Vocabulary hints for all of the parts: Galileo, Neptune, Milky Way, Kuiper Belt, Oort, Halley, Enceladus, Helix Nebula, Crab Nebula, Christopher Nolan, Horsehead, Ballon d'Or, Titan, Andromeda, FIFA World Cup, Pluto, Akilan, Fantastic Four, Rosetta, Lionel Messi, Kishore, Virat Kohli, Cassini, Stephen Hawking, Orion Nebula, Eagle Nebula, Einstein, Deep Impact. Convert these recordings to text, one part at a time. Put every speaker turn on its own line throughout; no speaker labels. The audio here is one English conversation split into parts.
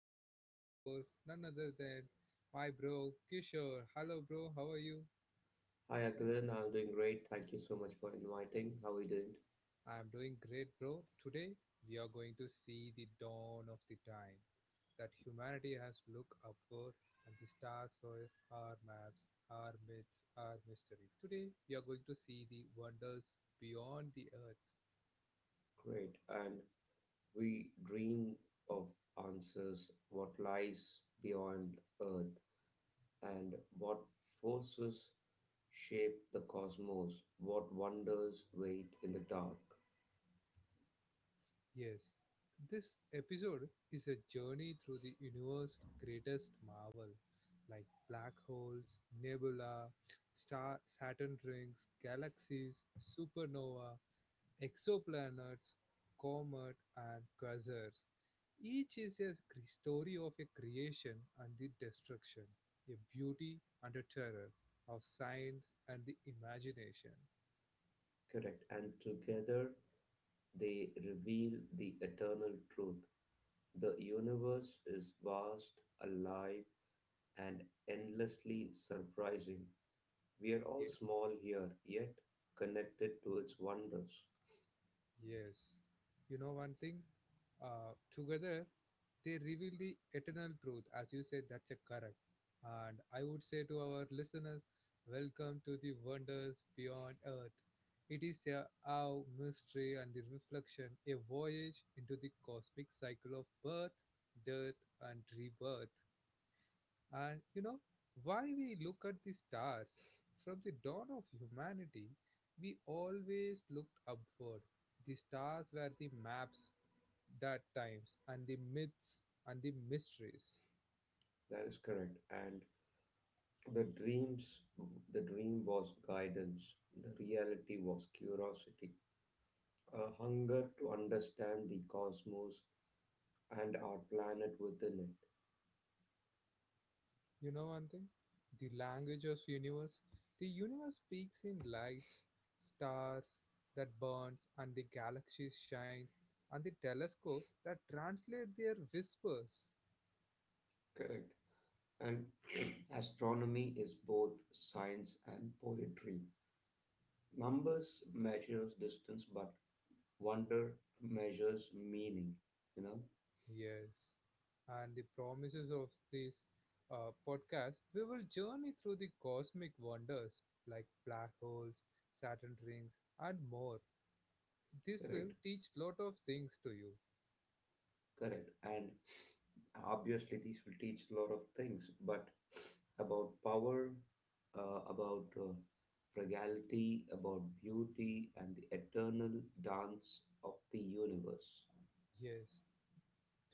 me my co-host none other than my bro Kishore. Hello bro, how are you?
Hi, Akilan. I'm doing great. Thank you so much for inviting. How are you doing?
I'm doing great bro. Today we are going to see the dawn of the time that humanity has looked upward and the stars were our maps, our myths, our mystery. Today we are going to see the wonders beyond the earth.
Great. And we dream of answers, what lies beyond Earth, and what forces shape the cosmos, what wonders wait in the dark.
Yes, this episode is a journey through the universe's greatest marvel, like black holes, nebula, star Saturn rings, galaxies, supernova, exoplanets, comet, and quasars. Each is a story of a creation and the destruction, a beauty and a terror of science and the imagination.
Correct. And together they reveal the eternal truth. The universe is vast, alive, and endlessly surprising. We are all
Ye-
small here, yet connected to its wonders.
Yes, you know one thing. Together they reveal the eternal truth, as you said, that's a correct. And I would say to our listeners, welcome to the wonders beyond Earth. It is a awe, mystery, and the reflection, a voyage into the cosmic cycle of birth, death, and rebirth. And you know, why we look at the stars from the dawn of humanity, we always looked upward. The stars were the maps that times and the myths and the mysteries.
That is correct. And the dreams, the dream was guidance, the reality was curiosity, a hunger to understand the cosmos and our planet within it.
You know one thing? The language of universe. The universe speaks in lights, stars that burns and the galaxies shines and the telescopes that translate their whispers.
Correct. And astronomy is both science and poetry. Numbers measures distance, but wonder measures meaning. You know,
Yes. And the promises of this podcast, we will journey through the cosmic wonders like black holes, Saturn rings, and more. This
correct.
will teach lot of things to you.
Correct. And obviously, these will teach a lot of things, but about power, about frugality, about beauty, and the eternal dance of the universe.
Yes.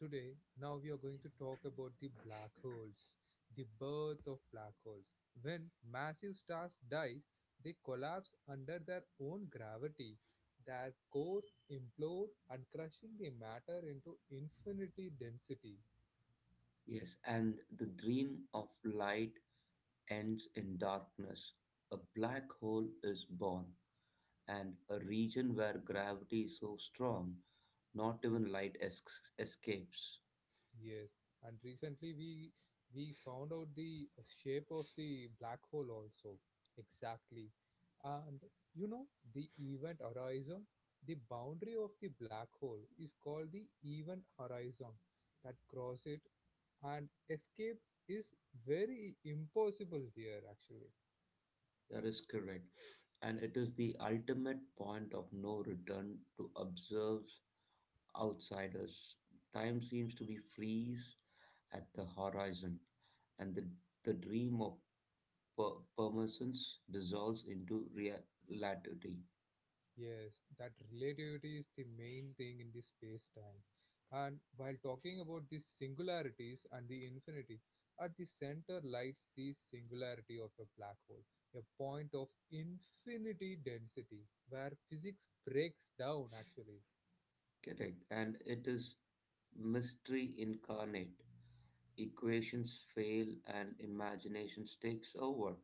Today, now we are going to talk about the black holes, the birth of black holes. When massive stars die, they collapse under their own gravity. Their cores implode and crushing the matter into infinity density.
Yes, and the dream of light ends in darkness. A black hole is born, and a region where gravity is so strong, not even light escapes.
Yes, and recently we found out the shape of the black hole also exactly, and you know the event horizon, the boundary of the black hole is called the event horizon. That cross it and escape is very impossible here actually.
That is correct. And it is the ultimate point of no return to observe outsiders. Time seems to be freeze at the horizon, and the dream of permanence dissolves into reality.
Yes, that relativity is the main thing in the space time. And while talking about the singularities and the infinity, at the center lies the singularity of a black hole, a point of infinity density where physics breaks down actually.
Correct. And it is mystery incarnate. Equations fail and imagination takes over.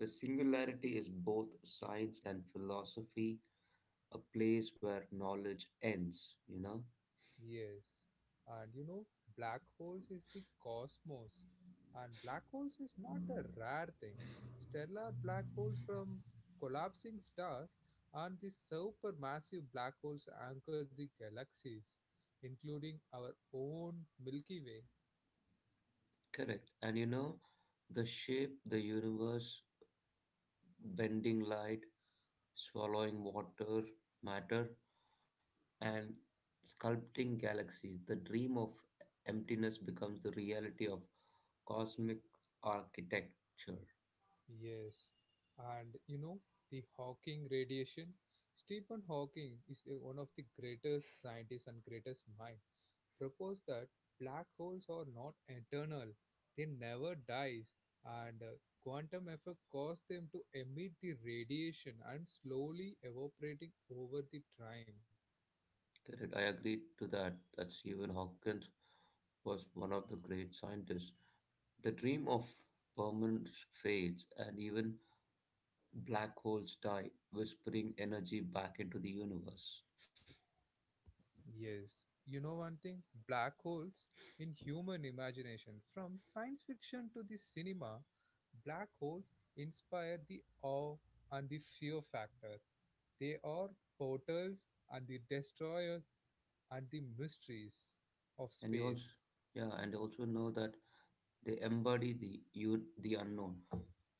The singularity is both science and philosophy, a place where knowledge ends, you know?
Yes, and you know, black holes is the cosmos, and black holes is not a rare thing. Stellar black holes from collapsing stars and the supermassive black holes anchor the galaxies, including our own Milky Way.
Correct. And the shape, the universe, bending light, swallowing water, matter, and sculpting galaxies, the dream of emptiness becomes the reality of cosmic architecture.
Yes, and you know, the Hawking radiation. Stephen Hawking is one of the greatest scientists and greatest mind propose that black holes are not eternal, they never dies, and quantum effect caused them to emit the radiation and slowly evaporating over the time.
Correct. I agree to that, that Stephen Hawking was one of the great scientists. The dream of permanence fades, and even black holes die, whispering energy back into the universe.
Yes, you know one thing, black holes in human imagination from science fiction to the cinema, black holes inspire the awe and the fear factor. They are portals and the destroyers and the mysteries of
And you also,
space.
yeah, and also know that they embody the unknown.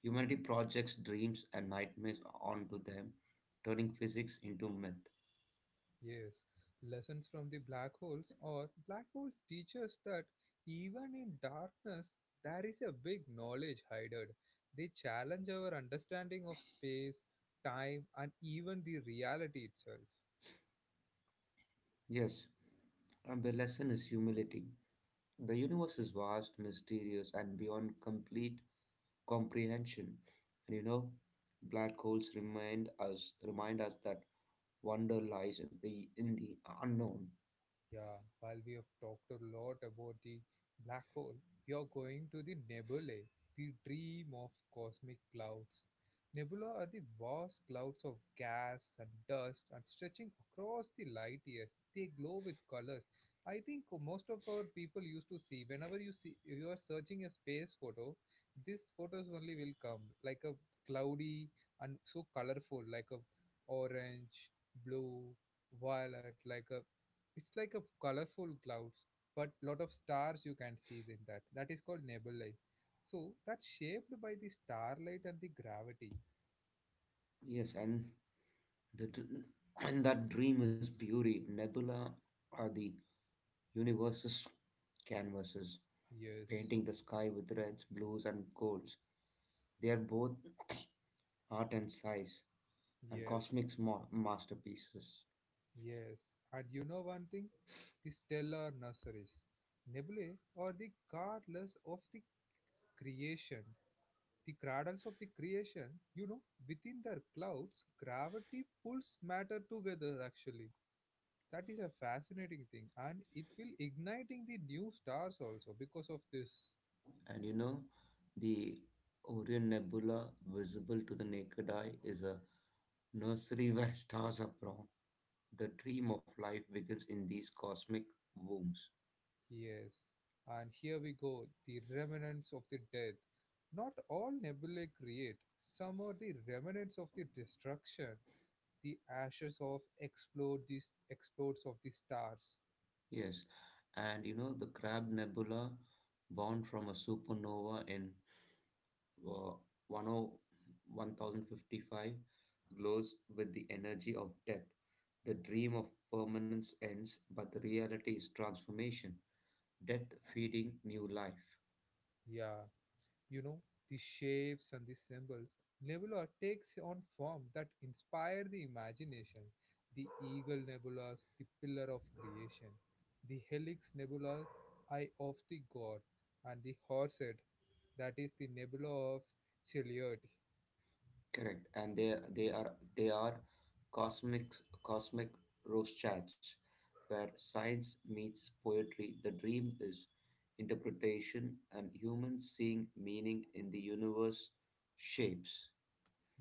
Humanity projects dreams and nightmares onto them, turning physics into myth.
Yes, lessons from the black holes or black holes teach us that even in darkness there is a big knowledge hidden. They challenge our understanding of space, time, and even the reality itself.
Yes, and the lesson is humility. The universe is vast, mysterious, and beyond complete comprehension. And black holes remind us that wonder lies in the unknown.
Yeah, while we have talked a lot about the black hole, we are going to the nebulae, the dream of cosmic clouds. Nebula are the vast clouds of gas and dust and stretching across the light years. They glow with colors. I think most of our people used to see whenever you see you are searching a space photo, these photos only will come like a cloudy and so colorful, like a orange, blue, violet, like a it's like a colorful clouds, but lot of stars you can see in that. That is called nebulae. So that's shaped by the starlight and the gravity.
Yes, and The d- that dream is beauty. Nebula are the universe's canvases,
Yes,
painting the sky with reds, blues, and golds. They are both art and size and
yes,
cosmic masterpieces.
yes. And you know one thing? The stellar nurseries. Nebulae are the cradles of the creation. The cradles of the creation, you know, within their clouds, gravity pulls matter together actually. That is a fascinating thing and it will igniting the new stars also because of this.
And the Orion Nebula, visible to the naked eye, is a nursery where stars are born. The dream of life begins in these cosmic wombs.
Yes, and here we go the remnants of the death. Not all nebulae create, some are the remnants of the destruction, the ashes of explode these explodes of the stars.
Yes, and you know the Crab Nebula, born from a supernova in uh, 10- glows with the energy of death. The dream of permanence ends, but the reality is transformation, death feeding new life.
Yeah, you know, the shapes and the symbols, Nebula takes on form that inspire the imagination. The Eagle Nebula, the pillar of creation, the Helix Nebula, eye of the god, and the Horsehead, that is the nebula of Chiliad.
Correct, and they are cosmic cosmic Rothschilds, where science meets poetry. The dream is interpretation, and humans seeing meaning in the universe shapes.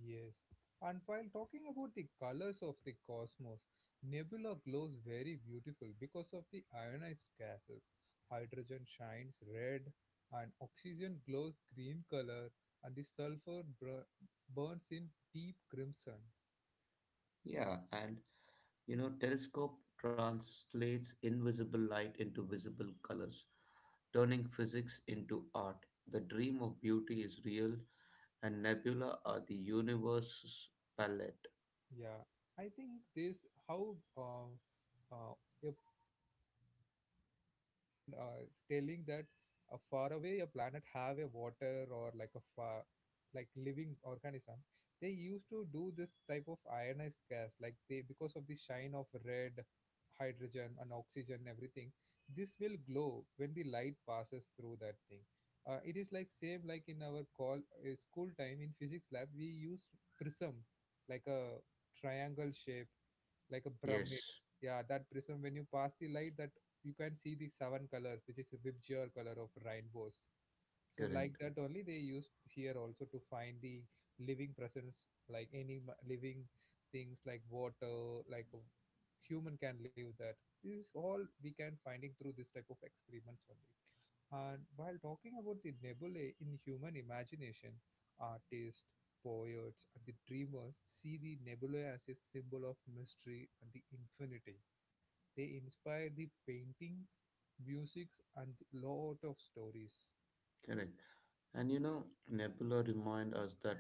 Yes. And while talking about the colors of the cosmos, nebula glows very beautiful because of the ionized gases. Hydrogen shines red and oxygen glows green color and the sulfur burns in deep crimson.
Yeah, and telescope translates invisible light into visible colors, turning physics into art. The dream of beauty is real, and nebula are the universe's palette.
Yeah. I think this how uh, a scientist can telling that a far away a planet have a water or like a fire like living organism they used to do this type of ionized gas like they because of the shine of red hydrogen and oxygen everything this will glow when the light passes through that thing. It is like same like in our call school time in physics lab we used prism like a triangle shape like a pyramid.
Yes,
Yeah, that prism when you pass the light that you can see the seven colors which is a bibjor color of rainbows so like
correct,
that only they used here also to find the living presence like any living things like water like a human can live that this is all we can finding through this type of experiments only. And while talking about the nebulae in human imagination, artists, poets and the dreamers see the nebulae as a symbol of mystery and the infinity. They inspire the paintings, musics and lot of stories.
correct. And Nebula remind us that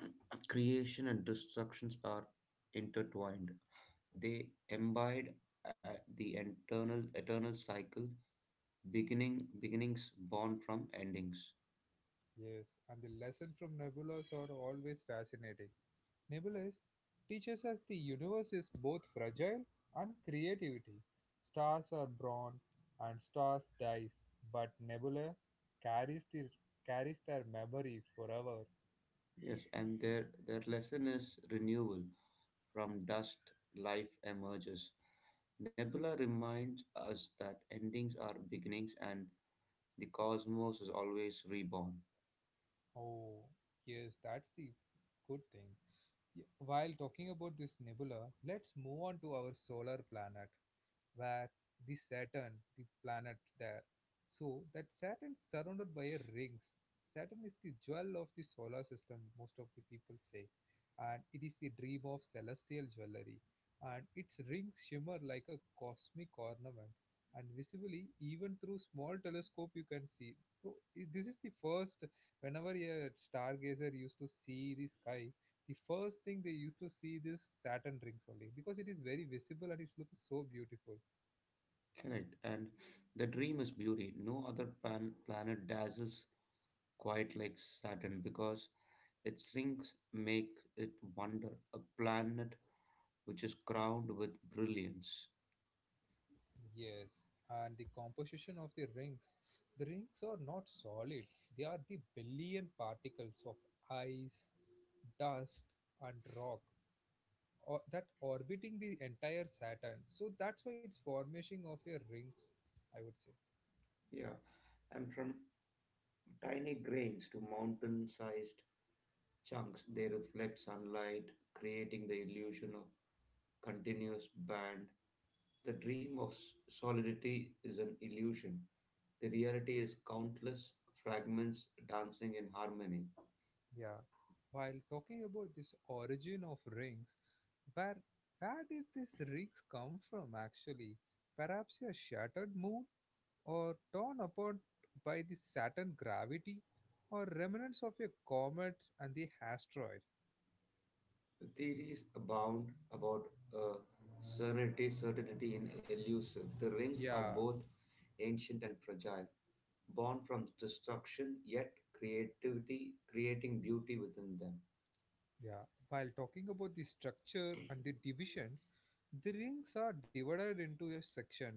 creation and destructions are intertwined. They embed the eternal cycle, beginnings born from endings.
Yes, and the lesson from nebulas are always fascinating. Nebulas teaches us the universe is both fragile and creativity. Stars are born and stars dies, but nebula carries the carries their memory forever.
Yes, and their lesson is renewal. From dust, life emerges. Nebula reminds us that endings are beginnings, and the cosmos is always reborn.
Oh, yes, that's the good thing. While talking about this nebula, let's move on to our solar planet. Where the Saturn, the planet there. So that Saturn is surrounded by a rings. Saturn is the jewel of the solar system, most of the people say, and it is the dream of celestial jewelry. And its rings shimmer like a cosmic ornament, and visibly, even through small telescope, you can see. Bro, this is the first. Whenever a stargazer used to see the sky, the first thing they used to see this Saturn rings only because it is very visible and it looks so beautiful.
Correct. And the dream is beauty. No other planet dazzles quite like Saturn because its rings make it wonder a planet which is crowned with brilliance.
Yes, and the composition of the rings. The rings are not solid, they are the billion particles of ice, dust, and rock or, that orbiting the entire Saturn. So that's why it's formation of a rings, I would say.
Yeah, and from tiny grains to mountain sized chunks, they reflect sunlight, creating the illusion of continuous band. The dream of solidity is an illusion. The reality is countless fragments dancing in harmony.
Yeah. While talking about this origin of rings, where where did these rings come from actually? Perhaps a shattered moon? Or torn apart by the Saturn gravity or remnants of a comet and the asteroid.
Theories abound about uh, certainty in elusive. The rings are
Yeah,
both ancient and fragile, born from destruction, yet creativity, creating beauty within them.
yeah. While talking about the structure and the divisions, the rings are divided into a sections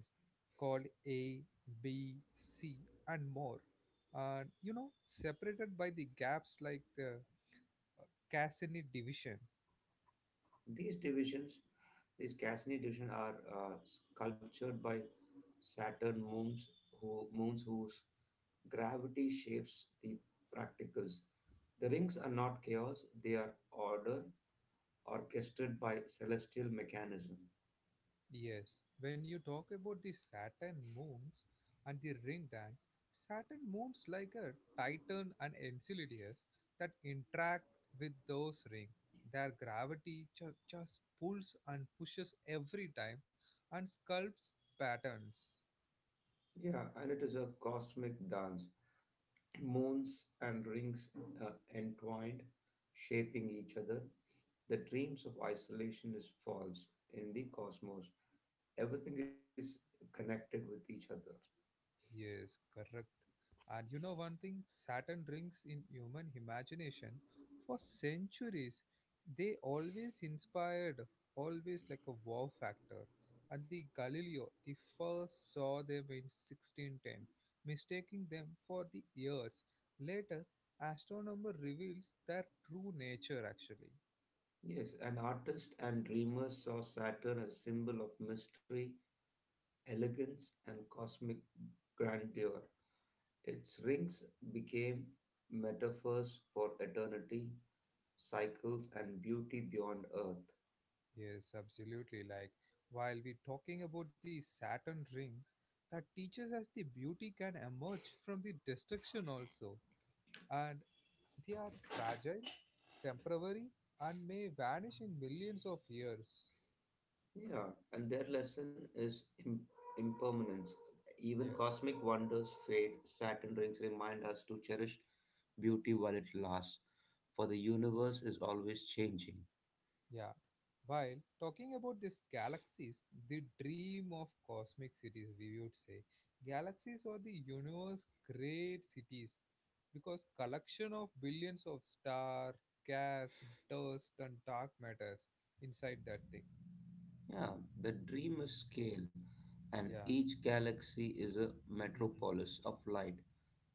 called A, B, C, and more. And you know, separated by the gaps like the Cassini division.
These divisions, these Cassini divisions, are sculptured by Saturn moons, whose gravity shapes the practicals. The rings are not chaos; they are order, orchestrated by celestial mechanism.
Yes, when you talk about the Saturn moons and the ring dance, Saturn moons like a Titan and Enceladus that interact with those rings. Their gravity just pulls and pushes every time and sculpts patterns.
Yeah, and it is a cosmic dance. Moons and rings entwined, shaping each other. The dreams of isolation is false in the cosmos. Everything is connected with each other.
Yes, correct. And you know one thing, Saturn drinks in human imagination for centuries. They always inspired, always like a wow factor. And the Galileo, the first saw them in 1610, mistaking them for the years. Later, astronomer reveals their true nature actually.
Yes, an artist and dreamer saw Saturn as a symbol of mystery, elegance, and cosmic grandeur. Its rings became metaphors for eternity, cycles, and beauty beyond Earth.
Yes, absolutely. Like, while we're talking about the Saturn rings, that teaches us the beauty can emerge from the destruction also. And they are fragile, temporary, and may vanish in millions of years.
Yeah, and their lesson is impermanence. Even
Yes.
cosmic wonders fade. Saturn rings remind us to cherish beauty while it lasts, for the universe is always changing.
Yeah. While talking about these galaxies, the dream of cosmic cities, we would say. Galaxies are the universe great cities because collection of billions of star, gas, dust and dark matters inside that thing.
Yeah, the dream is scale,
Yeah.
and each galaxy is a
Mhm.
metropolis of light,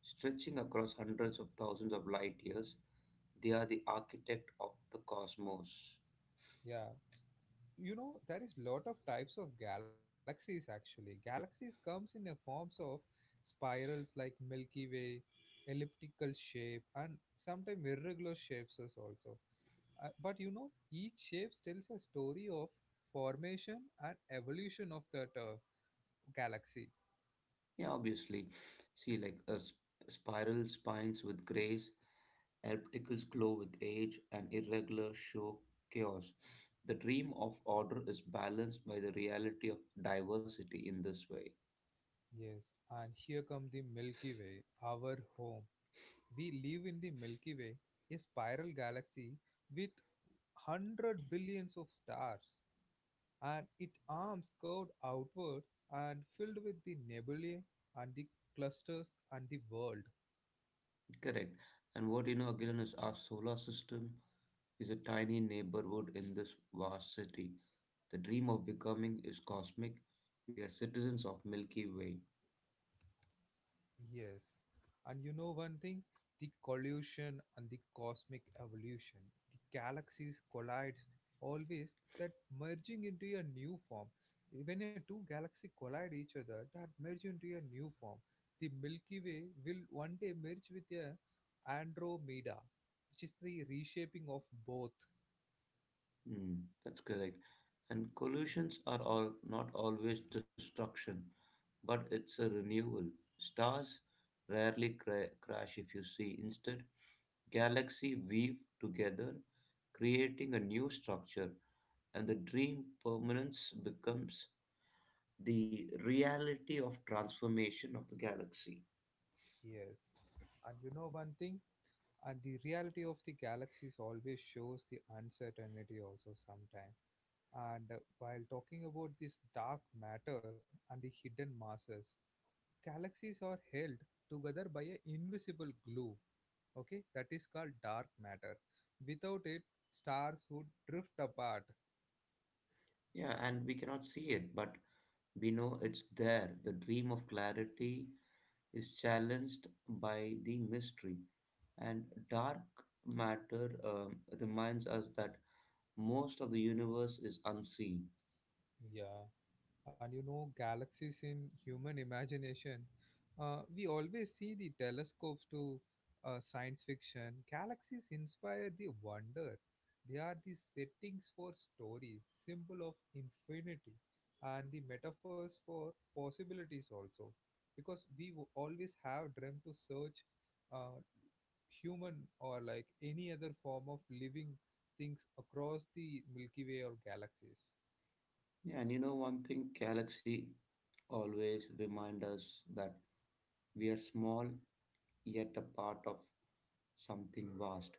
stretching across hundreds of thousands of light years. They are the architect of the cosmos.
Yeah. You know there is lot of types of galaxies actually galaxies comes in a forms of spirals like milky way elliptical shape and sometimes irregular shapes as also, but you know each shape tells a story of formation and evolution of that galaxy.
Yeah, obviously. See, like a spiral spines with grace. Ellipticals glow with age and irregular show chaos. The dream of order is balanced by the reality of diversity in this way.
Yes, and here come the milky way our home. We live in the milky way, a spiral galaxy with 100 billions of stars, and its arms curved outward and filled with the nebulae and the clusters and the world.
Correct. And what you know again is our solar system is a tiny neighborhood in this vast city. The dream of becoming is cosmic. We are citizens of Milky Way.
Yes. And you know one thing? The collusion and the cosmic evolution. The galaxies collides always that merging into a new form. When a two galaxy collide each other, that merge into a new form. The Milky Way will one day merge with a Andromeda, which is the reshaping of both.
Hmm, that's correct. And collisions are all not always destruction, but it's a renewal. Stars rarely crash if you see. Instead, galaxies weave together, creating a new structure, and the dream permanence becomes the reality of transformation of the galaxy.
Yes. And you know one thing? And the reality of the galaxies always shows the uncertainty also sometimes. And while talking about this dark matter and the hidden masses, galaxies are held together by an invisible glue, okay, that is called dark matter. Without it, stars would drift apart.
Yeah, and we cannot see it, but we know it's there. The dream of clarity is challenged by the mystery, and dark matter reminds us that most of the universe is unseen.
Yeah, and you know, galaxies in human imagination. We always see the telescopes to science fiction. Galaxies inspire the wonder. They are the settings for stories, symbol of infinity, and the metaphors for possibilities also. Because we always have dreamt to search uh, human or like any other form of living things across the Milky Way or galaxies.
Yeah, and you know one thing, galaxy always remind us that we are small yet a part of something vast.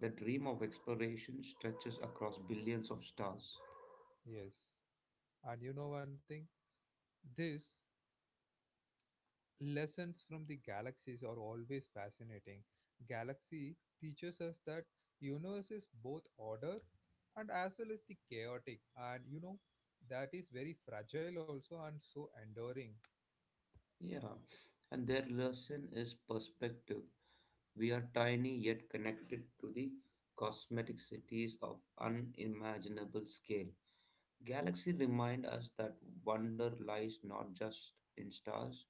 The dream of exploration stretches across billions of stars.
Yes. And you know one thing? These lessons from the galaxies are always fascinating. Galaxy teaches us that universe is both order and as well as the chaotic, and you know, that is very fragile also and so enduring.
Yeah, and their lesson is perspective. We are tiny yet connected to the cosmetic cities of unimaginable scale. Galaxy remind us that wonder lies not just in stars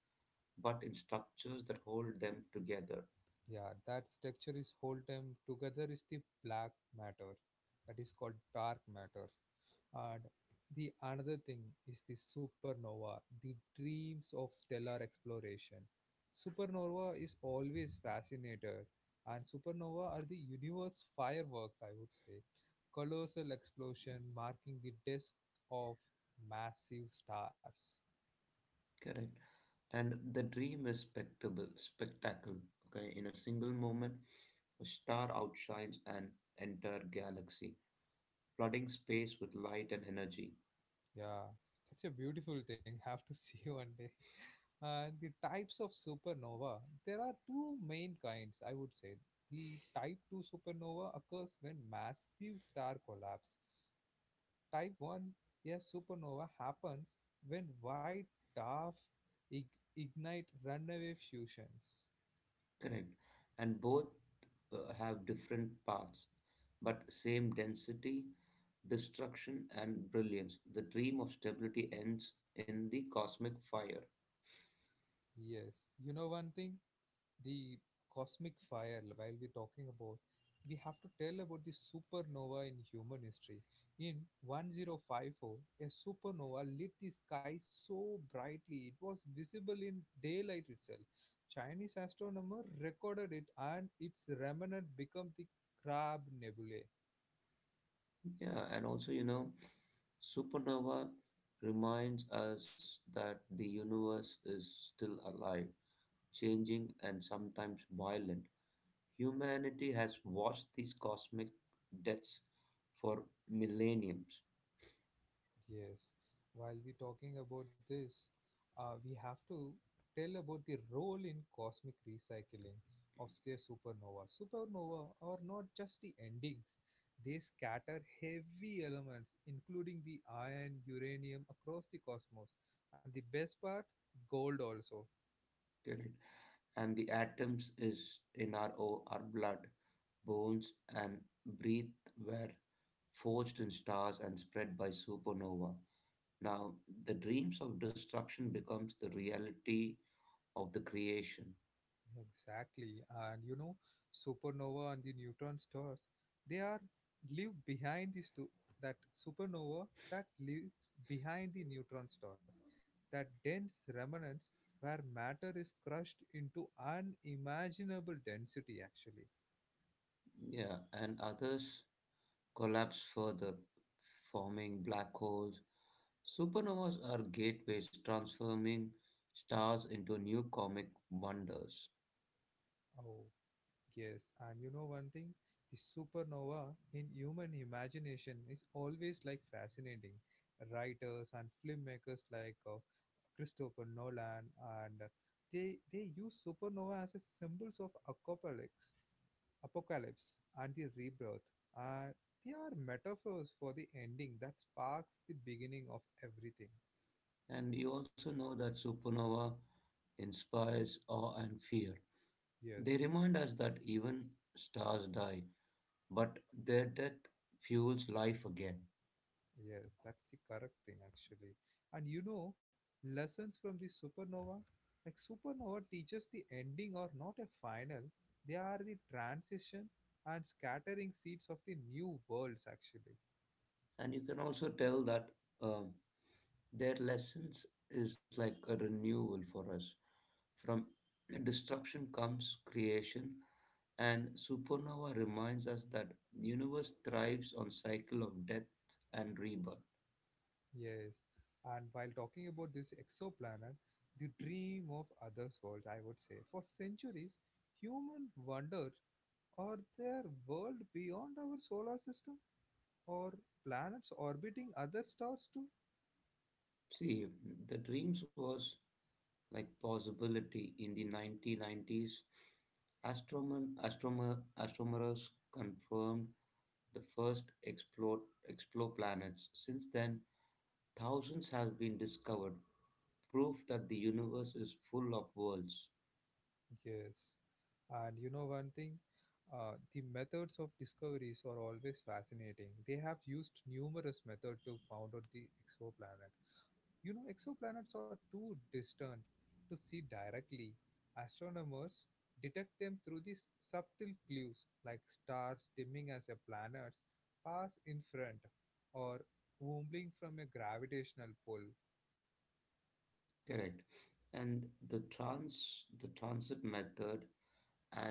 but in structures that hold them together.
Yeah, that structure is hold them together is the black matter, that is called dark matter. And the another thing is the supernova, the dreams of stellar exploration. Supernova is always fascinated, and supernova are the universe fireworks, I would say. Colossal explosion marking the death of massive stars.
Correct. And the dream is spectacle. Okay, in a single moment, a star outshines an entire galaxy, flooding space with light and energy.
Yeah, that's a beautiful thing. Have to see one day. The types of supernova. There are two main kinds, I would say. The type 2 supernova occurs when massive star collapse. Type 1, a supernova happens when white dwarf ignite runaway fusions.
Correct. And both have different paths, but same density, destruction, and brilliance. The dream of stability ends in the cosmic fire.
Yes, you know one thing? The cosmic fire, while we're talking about, we have to tell about the supernova in human history. In 1054, a supernova lit the sky so brightly it was visible in daylight itself. Chinese astronomer recorded it, and its remnant became the crab nebulae.
Yeah, and also, you know, supernova reminds us that the universe is still alive, changing, and sometimes violent. Humanity has watched these cosmic deaths for millenniums,
Yes, while we're talking about this, we have to tell about the role in cosmic recycling of the supernova. Supernova are not just the endings, they scatter heavy elements, including the iron, uranium, across the cosmos. And the best part, gold also.
correct? And the atoms is in our our blood, bones, and breath were forged in stars and spread by supernova. Now, the dreams of destruction becomes the reality of the creation.
Exactly. And you know, supernova and the neutron stars, they are live behind this to that supernova that lives behind the neutron stars, that dense remnants where matter is crushed into unimaginable density actually.
Yeah, and others collapse further, forming black holes. Supernovas are gateways transforming stars into new cosmic wonders.
Oh. Yes, and you know one thing? The supernova in human imagination is always like fascinating. Writers and filmmakers like Christopher Nolan and they use supernova as a symbols of apocalypse, apocalypse and the rebirth. And they are metaphors for the ending that sparks the beginning of everything.
And you also know that supernova inspires awe and fear.
Yes.
They remind us that even stars die, but their death fuels life again.
Yes, that's the correct thing actually. And you know, lessons from the supernova, like supernova teaches the ending or not a final. They are the transition and scattering seeds of the new worlds actually.
And you can also tell that uh, their lessons is like a renewal for us. From destruction comes creation, and supernova reminds us that universe thrives on cycle of death and rebirth.
Yes. And while talking about this exoplanet, the dream of others worlds, I would say. For centuries, human wondered, are there world beyond our solar system or planets orbiting other stars too?
See, the dreams was like possibility in the 1990s. Astronomers confirmed the first explore planets. Since then, thousands have been discovered, proof that the universe is full of worlds.
Yes. And you know one thing? The methods of discoveries are always fascinating. They have used numerous methods to found out the exoplanet. You know, exoplanets are too distant to see directly. Astronomers detect them through these subtle clues, like stars dimming as a planet pass in front, or wobbling from a gravitational pull.
Correct. And the transit method and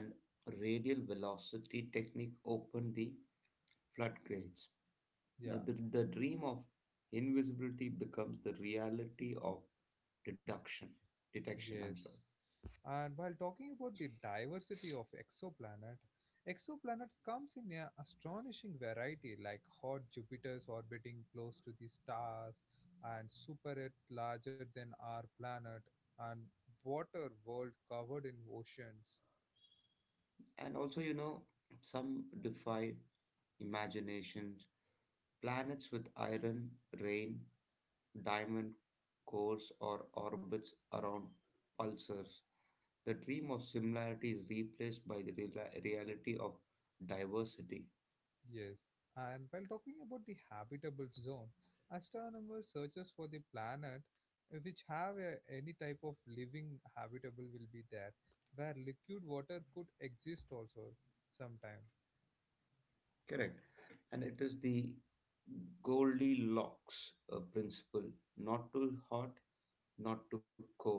radial velocity technique open the floodgates. Now
Yeah.
the dream of invisibility becomes the reality of deduction, detection, I'm
Yes.
sorry.
And while talking about the diversity of exoplanet, exoplanets comes in an astonishing variety like hot Jupiters orbiting close to the stars and super Earth larger than our planet and water world covered in oceans.
And also, you know, some defy imaginations, planets with iron, rain, diamond cores or orbits around pulsars. The dream of similarity is replaced by the reality of diversity.
Yes, and while talking about the habitable zone, astronomers searches for the planet which have a, any type of living habitable will be there, where liquid water could exist also sometime.
Correct. And it is the Goldilocks principle, not too hot, not too cold.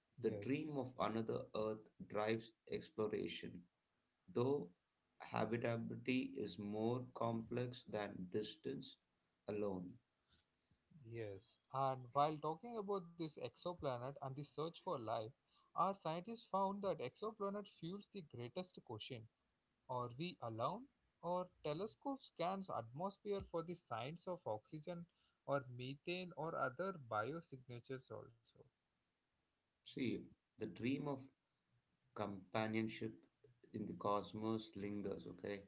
The dream
Yes,
of another earth drives exploration, though habitability is more complex than distance alone.
yes. And while talking about this exoplanet and the search for life, our scientists found that exoplanet fuels the greatest question. Are we alone? Our telescope scans atmosphere for the signs of oxygen or methane or other biosignatures also.
See, the dream of companionship in the cosmos lingers, okay?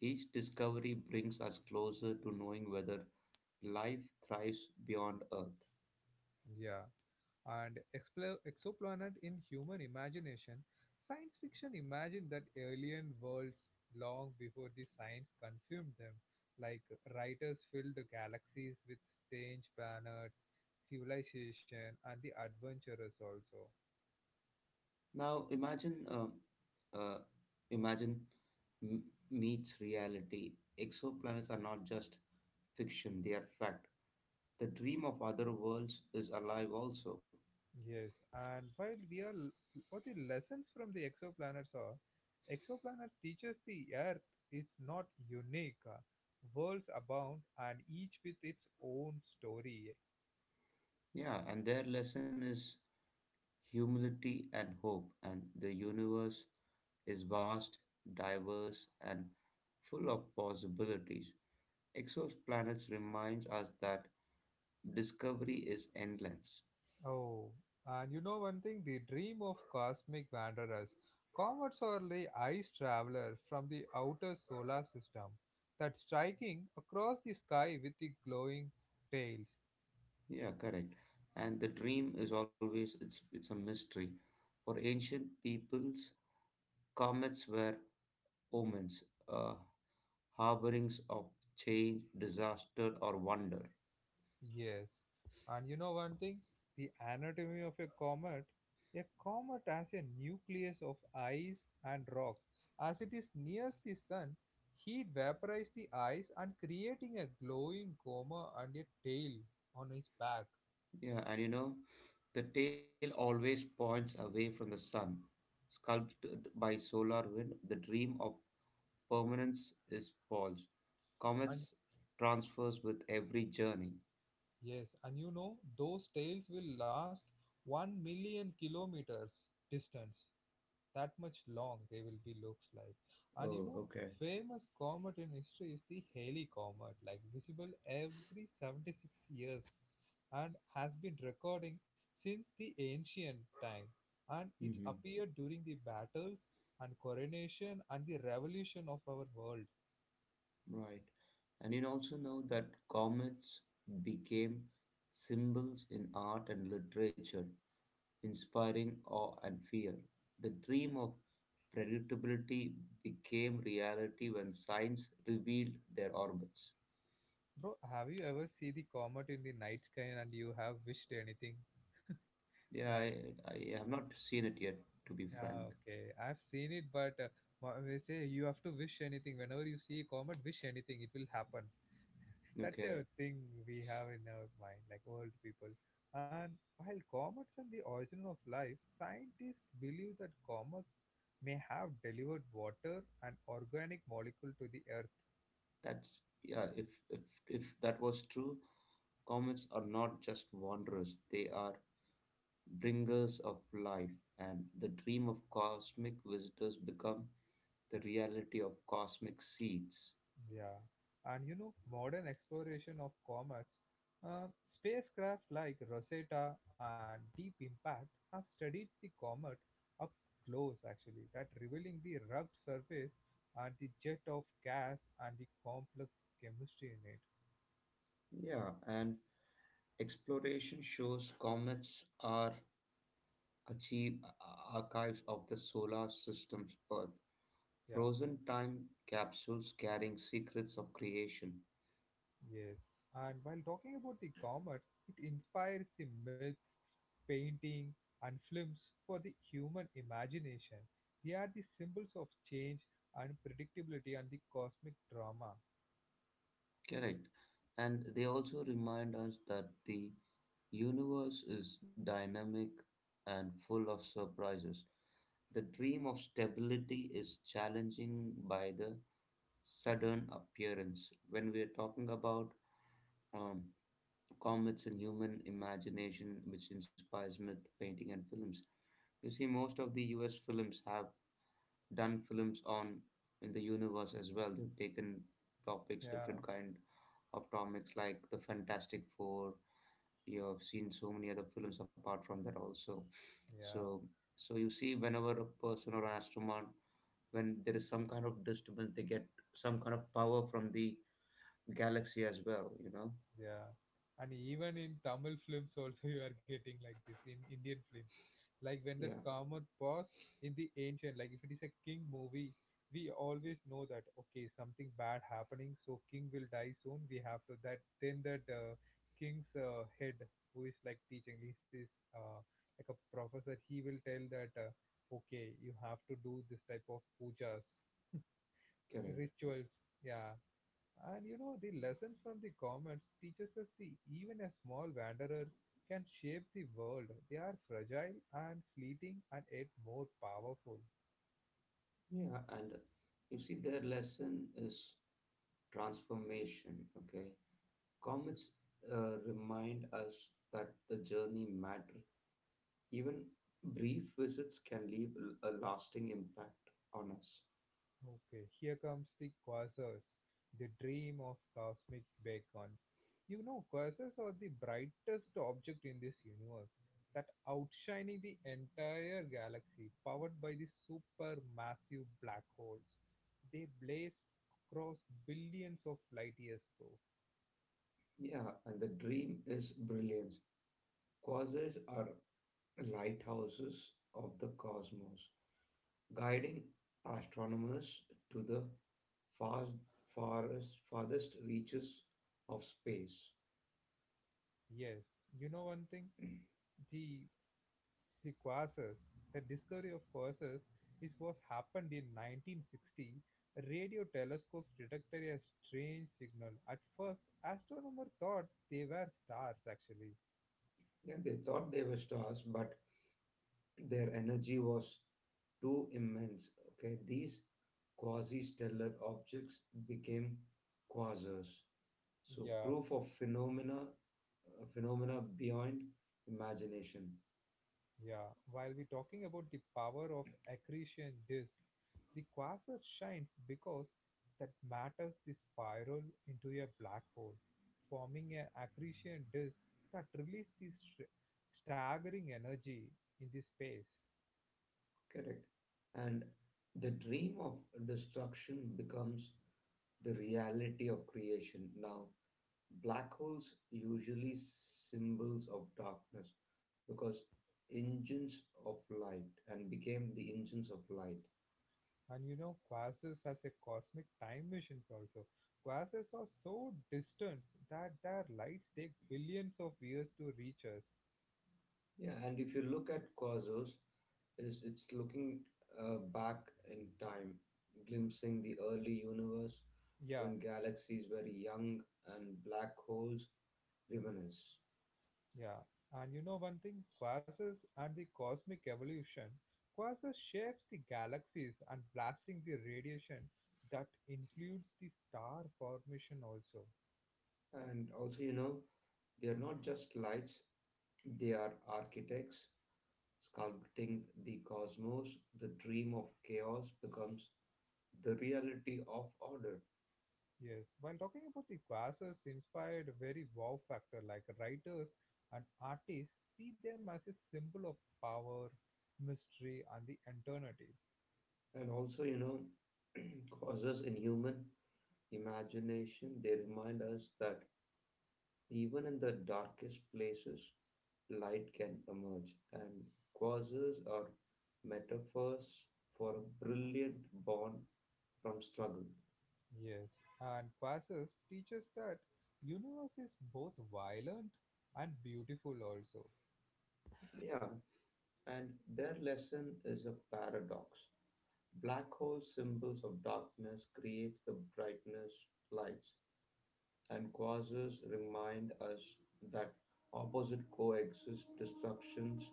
Each discovery brings us closer to knowing whether life thrives beyond Earth.
Yeah, and exoplanet in human imagination, science fiction imagined that alien worlds long before the science confirmed them. Like writers filled the galaxies with strange planets, civilization, and the adventurers also.
Now imagine, uh, imagine m- meets reality. Exoplanets are not just fiction; they are fact. The dream of other worlds is alive also.
Yes, and while we are what the lessons from the exoplanets are, exoplanets teaches the Earth is not unique. Worlds abound, and each with its own story.
Yeah, and their lesson is humility and hope. And the universe is vast, diverse, and full of possibilities. Exoplanets reminds us that discovery is endless.
Oh, and you know one thing, the dream of cosmic wanderers. Comets are the ice traveler from the outer solar system that striking across the sky with the glowing tails.
Yeah, correct. And the dream is always it's a mystery. For ancient peoples, comets were omens, uh, harborings of change, disaster, or wonder.
Yes, and you know one thing? The anatomy of a comet. A comet has a nucleus of ice and rocks. As it is nears the sun, heat vaporizes the ice and creating a glowing coma and a tail on its back.
Yeah, and the tail always points away from the sun. Sculpted by solar wind, the dream of permanence is false.
And
Comets transfers with every journey.
yes, and you know those tails will last 1 million kilometers distance. That much long they will be looks like. And you
Oh,
know,
okay.
famous comet in history is the Halley comet like visible every 76 years and has been recording since the ancient time, and it appeared during the battles and coronation and the revolution of our world.
Right. And you also know that comets became symbols in art and literature, inspiring awe and fear. The dream of predictability became reality when science revealed their orbits.
Bro, have you ever see the comet in the night sky and you have wished anything?
Yeah, I,
Like
I have not seen it yet, to be
yeah,
frank.
okay. I've seen it, but they say you have to wish anything. Whenever you see a comet, wish anything, it will happen. That's
Okay,
a thing we have in our mind, like old people. And while comets are the origin of life, scientists believe that comets may have delivered water and organic molecule to the earth.
that's yeah. If that was true, comets are not just wanderers; they are bringers of life, and the dream of cosmic visitors become the reality of cosmic seeds.
Yeah, and you know, modern exploration of comets, spacecraft like Rosetta and Deep Impact have studied the comet up close, actually, that revealing the rugged surface and the jet of gas and the complex chemistry in it.
Yeah, and exploration shows comets are achieve archives of the solar system's Earth,
Yeah.
frozen time capsules carrying secrets of creation.
Yes, and while talking about the commerce, it inspires the myths, painting, and films for the human imagination. They are the symbols of change, unpredictability, and the cosmic drama.
Correct. And they also remind us that the universe is dynamic and full of surprises. The dream of stability is challenging by the sudden appearance. When we are talking about um, comets and human imagination, which inspires myth painting and films, you see most of the U.S. films have done films on in the universe as well. They've taken topics,
Yeah,
different kind of topics like the Fantastic Four. You have seen so many other films apart from that also.
yeah.
So, so you see, whenever a person or an astronaut when there is some kind of disturbance, they get some kind of power from the galaxy as well,
Yeah. And even in Tamil films also you are getting like this in Indian films. Like when
yeah
that Kamath boss in the ancient, like if it is a king movie, we always know that okay, something bad happening, so king will die soon. We have to that then that king's head who is like teaching, he is uh, like a professor. He will tell that okay, you have to do this type of pujas,
correct
rituals. Yeah, and you know, the lessons from the comments teaches us the even as small wanderers can shape the world. They are fragile and fleeting and yet more powerful.
yeah. And you see their lesson is transformation. Okay, comets remind us that the journey matter. Even brief visits can leave a lasting impact on us.
Okay, here comes the quasars, the dream of cosmic beacons. You know, quasars are the brightest object in this universe that outshining the entire galaxy powered by the supermassive black holes. They blaze across billions of light years, bro.
Yeah, and the dream is brilliance. Quasars are lighthouses of the cosmos, guiding astronomers to the fast, farthest, farthest reaches of space.
Yes, you know one thing, the the quasars, the discovery of quasars is what happened in 1960. Radio telescopes detected a strange signal. At first, astronomers thought they were stars actually.
Yeah, they thought they were stars, but their energy was too immense. Okay, these quasi-stellar objects became quasars. So
Yeah.
proof of phenomena, phenomena beyond imagination.
Yeah, while we're talking about the power of accretion disk, the quasar shines because that matters the spiral into a black hole, forming an accretion disk that releases this staggering energy in the space.
Correct, and the dream of destruction becomes the reality of creation now. Black holes usually symbols of darkness because engines of light and became the engines of light.
And you know, quasars has a cosmic time missions also. Quasars are so distant that their lights take billions of years to reach us.
Yeah, and if you look at Quasars, is it's looking back in time, glimpsing the early universe
Yeah.
when galaxies were young and black holes reminisce.
Yeah, and you know one thing, quasars and the cosmic evolution. Quasars shapes the galaxies and blasting the radiation that influence the star formation also.
And also, you know, they are not just lights; they are architects. Sculpting the cosmos, the dream of chaos becomes the reality of order.
Yes, while talking about the quasars inspired very wow factor like writers and artists see them as a symbol of power, mystery and the eternity.
And also, you know, causes in human imagination, they remind us that even in the darkest places, light can emerge. And causes are metaphors for a brilliant born from struggle.
Yes, and quasars teaches that universe is both violent and beautiful also.
Yeah, and their lesson is a paradox. Black hole symbols of darkness creates the brightness lights, and quasars remind us that opposite coexist destructions,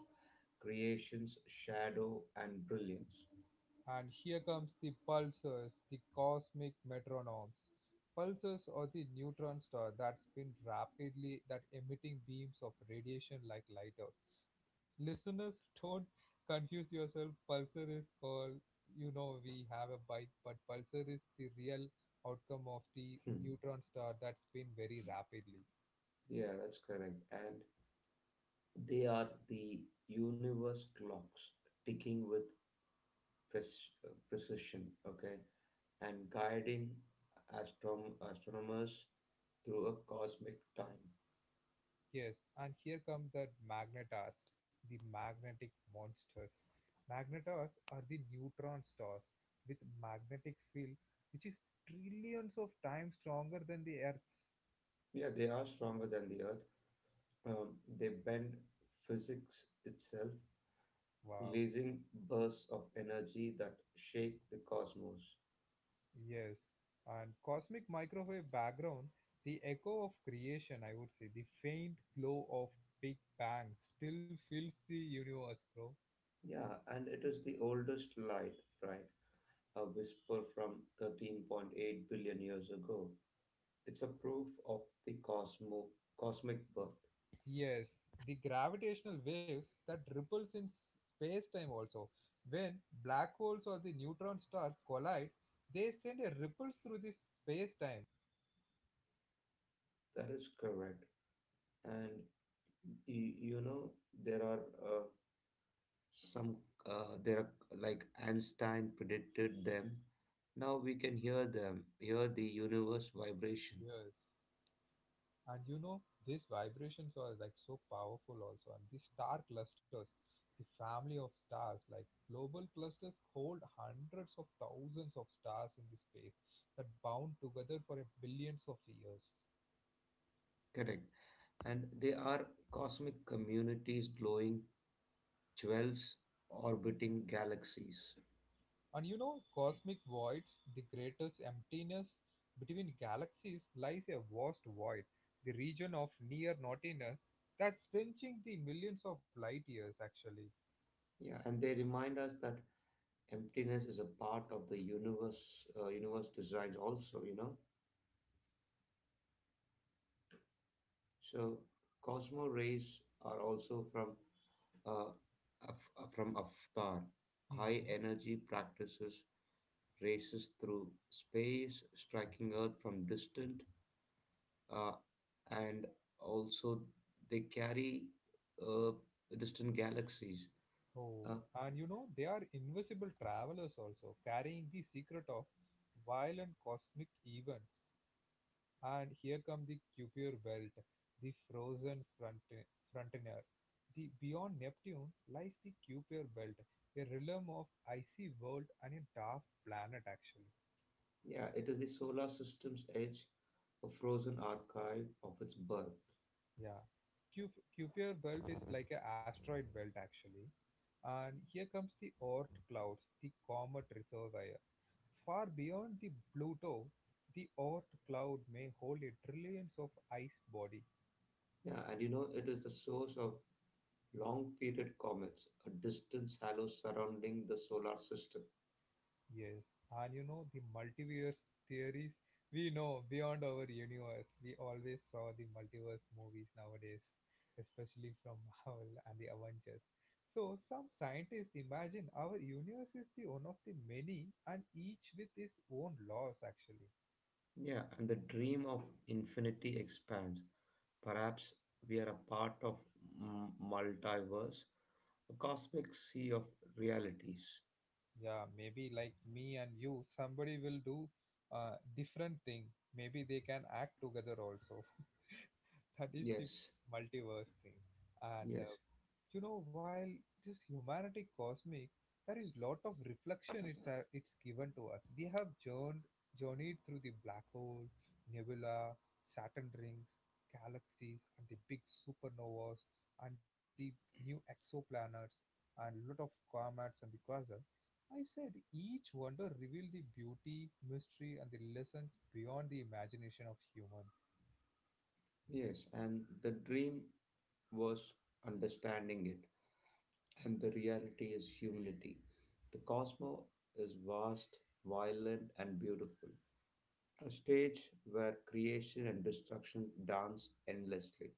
creations, shadow and brilliance.
And here comes the pulsars, the cosmic metronomes. Pulsars are the neutron star that spin rapidly that emitting beams of radiation like lighters. Listeners, don't confuse yourself. Pulsar is called, you know, we have a bike, but pulsar is the real outcome of the
Hmm,
neutron star that spin very rapidly.
yeah, that's correct. And they are the universe clocks ticking with precision, okay, and guiding astronomers through a cosmic time.
Yes, and here come the magnetars, the magnetic monsters. Magnetars are the neutron stars with magnetic field which is trillions of times stronger than the Earth's.
Yeah, they are stronger than the Earth, they bend physics itself,
Wow.
releasing bursts of energy that shake the cosmos.
Yes. And cosmic microwave background, the echo of creation, I would say, the faint glow of Big Bang still fills the universe, bro.
Yeah, and it is the oldest light, right? A whisper from 13.8 billion years ago. It's a proof of the cosmic birth.
Yes, the gravitational waves that ripples in space-time also. When black holes or the neutron stars collide, they send a ripples through the space-time.
That is correct. And you know, there are some, there are like Einstein predicted them. Now we can hear them, hear the universe vibration.
Yes. And you know, these vibrations are like so powerful also. And these star clusters, the family of stars, like global clusters hold hundreds of thousands of stars in the space that bound together for a billions of years.
Correct. And they are cosmic communities, glowing jewels orbiting galaxies.
And you know, cosmic voids, the greatest emptiness between galaxies, lies a vast void, the region of near nothingness that's stretching the millions of light years actually.
Yeah, and they remind us that emptiness is a part of the universe designs also, you know. So Cosmo rays are also from uh, from Avatar, high
Hmm.
energy practices races through space, striking Earth from distant uh, and also they carry uh, distant galaxies.
Oh,
Uh,
and you know, they are invisible travelers also, carrying the secret of violent cosmic events. And here come the Kuiper Belt, the frozen frontier. The beyond Neptune lies the Kuiper Belt, a realm of icy world and a dark planet actually.
yeah, it is the solar system's edge, a frozen archive of its birth.
Yeah. Kuiper Belt is like an asteroid belt actually. And here comes the Oort clouds, the comet reservoir. Far beyond the Pluto, the Oort cloud may hold a trillions of ice body.
Yeah, and you know, it is the source of long period comets, a distant halo surrounding the solar system.
Yes, and you know the multiverse theories. We know beyond our universe. We always saw the multiverse movies nowadays, especially from Marvel and the Avengers. So some scientists imagine our universe is the one of the many, and each with its own laws. Actually,
Yeah, and the dream of infinity expands. Perhaps we are a part of multiverse, a cosmic sea of realities.
yeah, maybe like me and you somebody will do different thing, maybe they can act together also that is the
Yes,
multiverse thing.
yes.
And you know, while this humanity cosmic there is lot of reflection it's given to us, we have journeyed through the black hole, nebula, Saturn rings, galaxies and the big supernovas and the new exoplanets and lot of comets and the quasar. I said each wonder revealed the beauty, mystery, and the lessons beyond the imagination of human.
Yes, and the dream was understanding it, and the reality is humility. The cosmos is vast, violent, and beautiful. A stage where creation and destruction dance endlessly.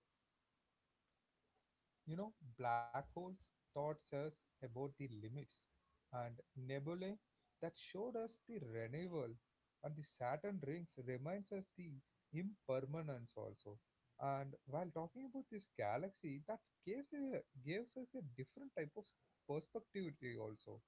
You know, black holes taught us about the limits, and nebulae that showed us the renewal, and the Saturn rings reminds us the impermanence also. And while talking about this galaxy, that gives a, gives us a different type of perspective also.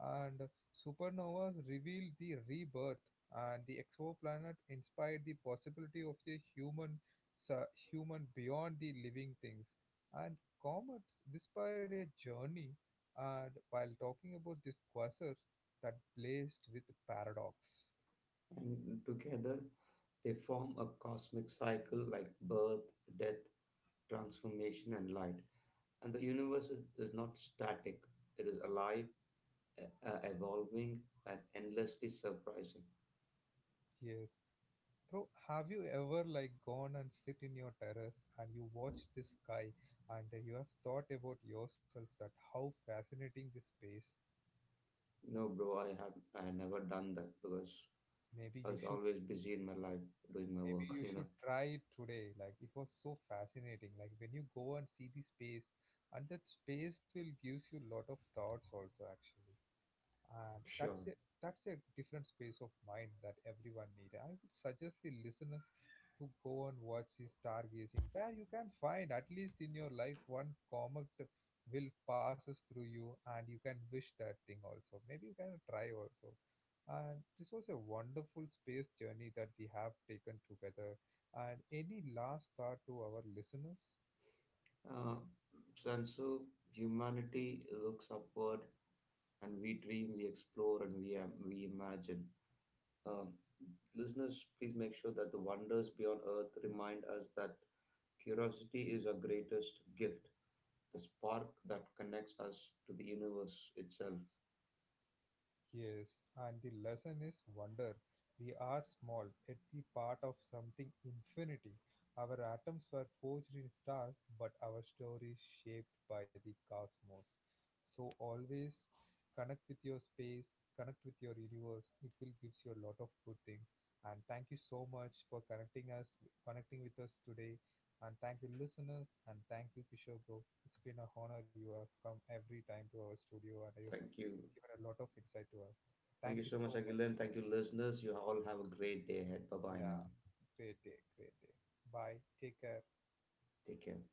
And supernovas reveal the rebirth, and the exoplanet inspired the possibility of the human su- human beyond the living things and comets whispered a journey, and while talking about this quasar that blazed with paradox.
And together, they form a cosmic cycle like birth, death, transformation, and light. And the universe is not static, it is alive, evolving, and endlessly surprising.
Yes. Bro, have you ever like gone and sit in your terrace and you watch the sky and you have thought about yourself that how fascinating this space?
No, bro, I have I had never done that because
Maybe
I
you
was
should,
always busy in my life doing my
maybe
work,
you
you know.
should try it today. Like it was so fascinating. Like when you go and see the space and that space will gives you lot of thoughts also actually. And
Sure.
that's a different space of mind that everyone needs. I would suggest the listeners to go and watch the stargazing, where you can find, at least in your life, one comet will passes through you, and you can wish that thing also. Maybe you can try also. And this was a wonderful space journey that we have taken together. And any last thought to our listeners?
Uh, so and so humanity looks upward and we dream, we explore, and we imagine. Um, listeners, please make sure that the wonders beyond earth remind us that curiosity is our greatest gift, the spark that connects us to the universe itself.
Yes, and the lesson is wonder. We are small, at the part of something infinity. Our atoms were forged in stars, but our story is shaped by the cosmos. So always connect with your space, connect with your universe. It will give you a lot of good things. And thank you so much for connecting us, connecting with us today. And thank you, listeners, and thank you, Kishore bro. It's been a honor you have come every time to our studio, and I
Thank you.
given a lot of insight to us.
Thank
Thank
you
you
so much,
so much.
Agilan. Thank you, listeners. You all have a great day ahead. Bye bye
Yeah,
now.
great day, great day. Bye. Take care.
Take care.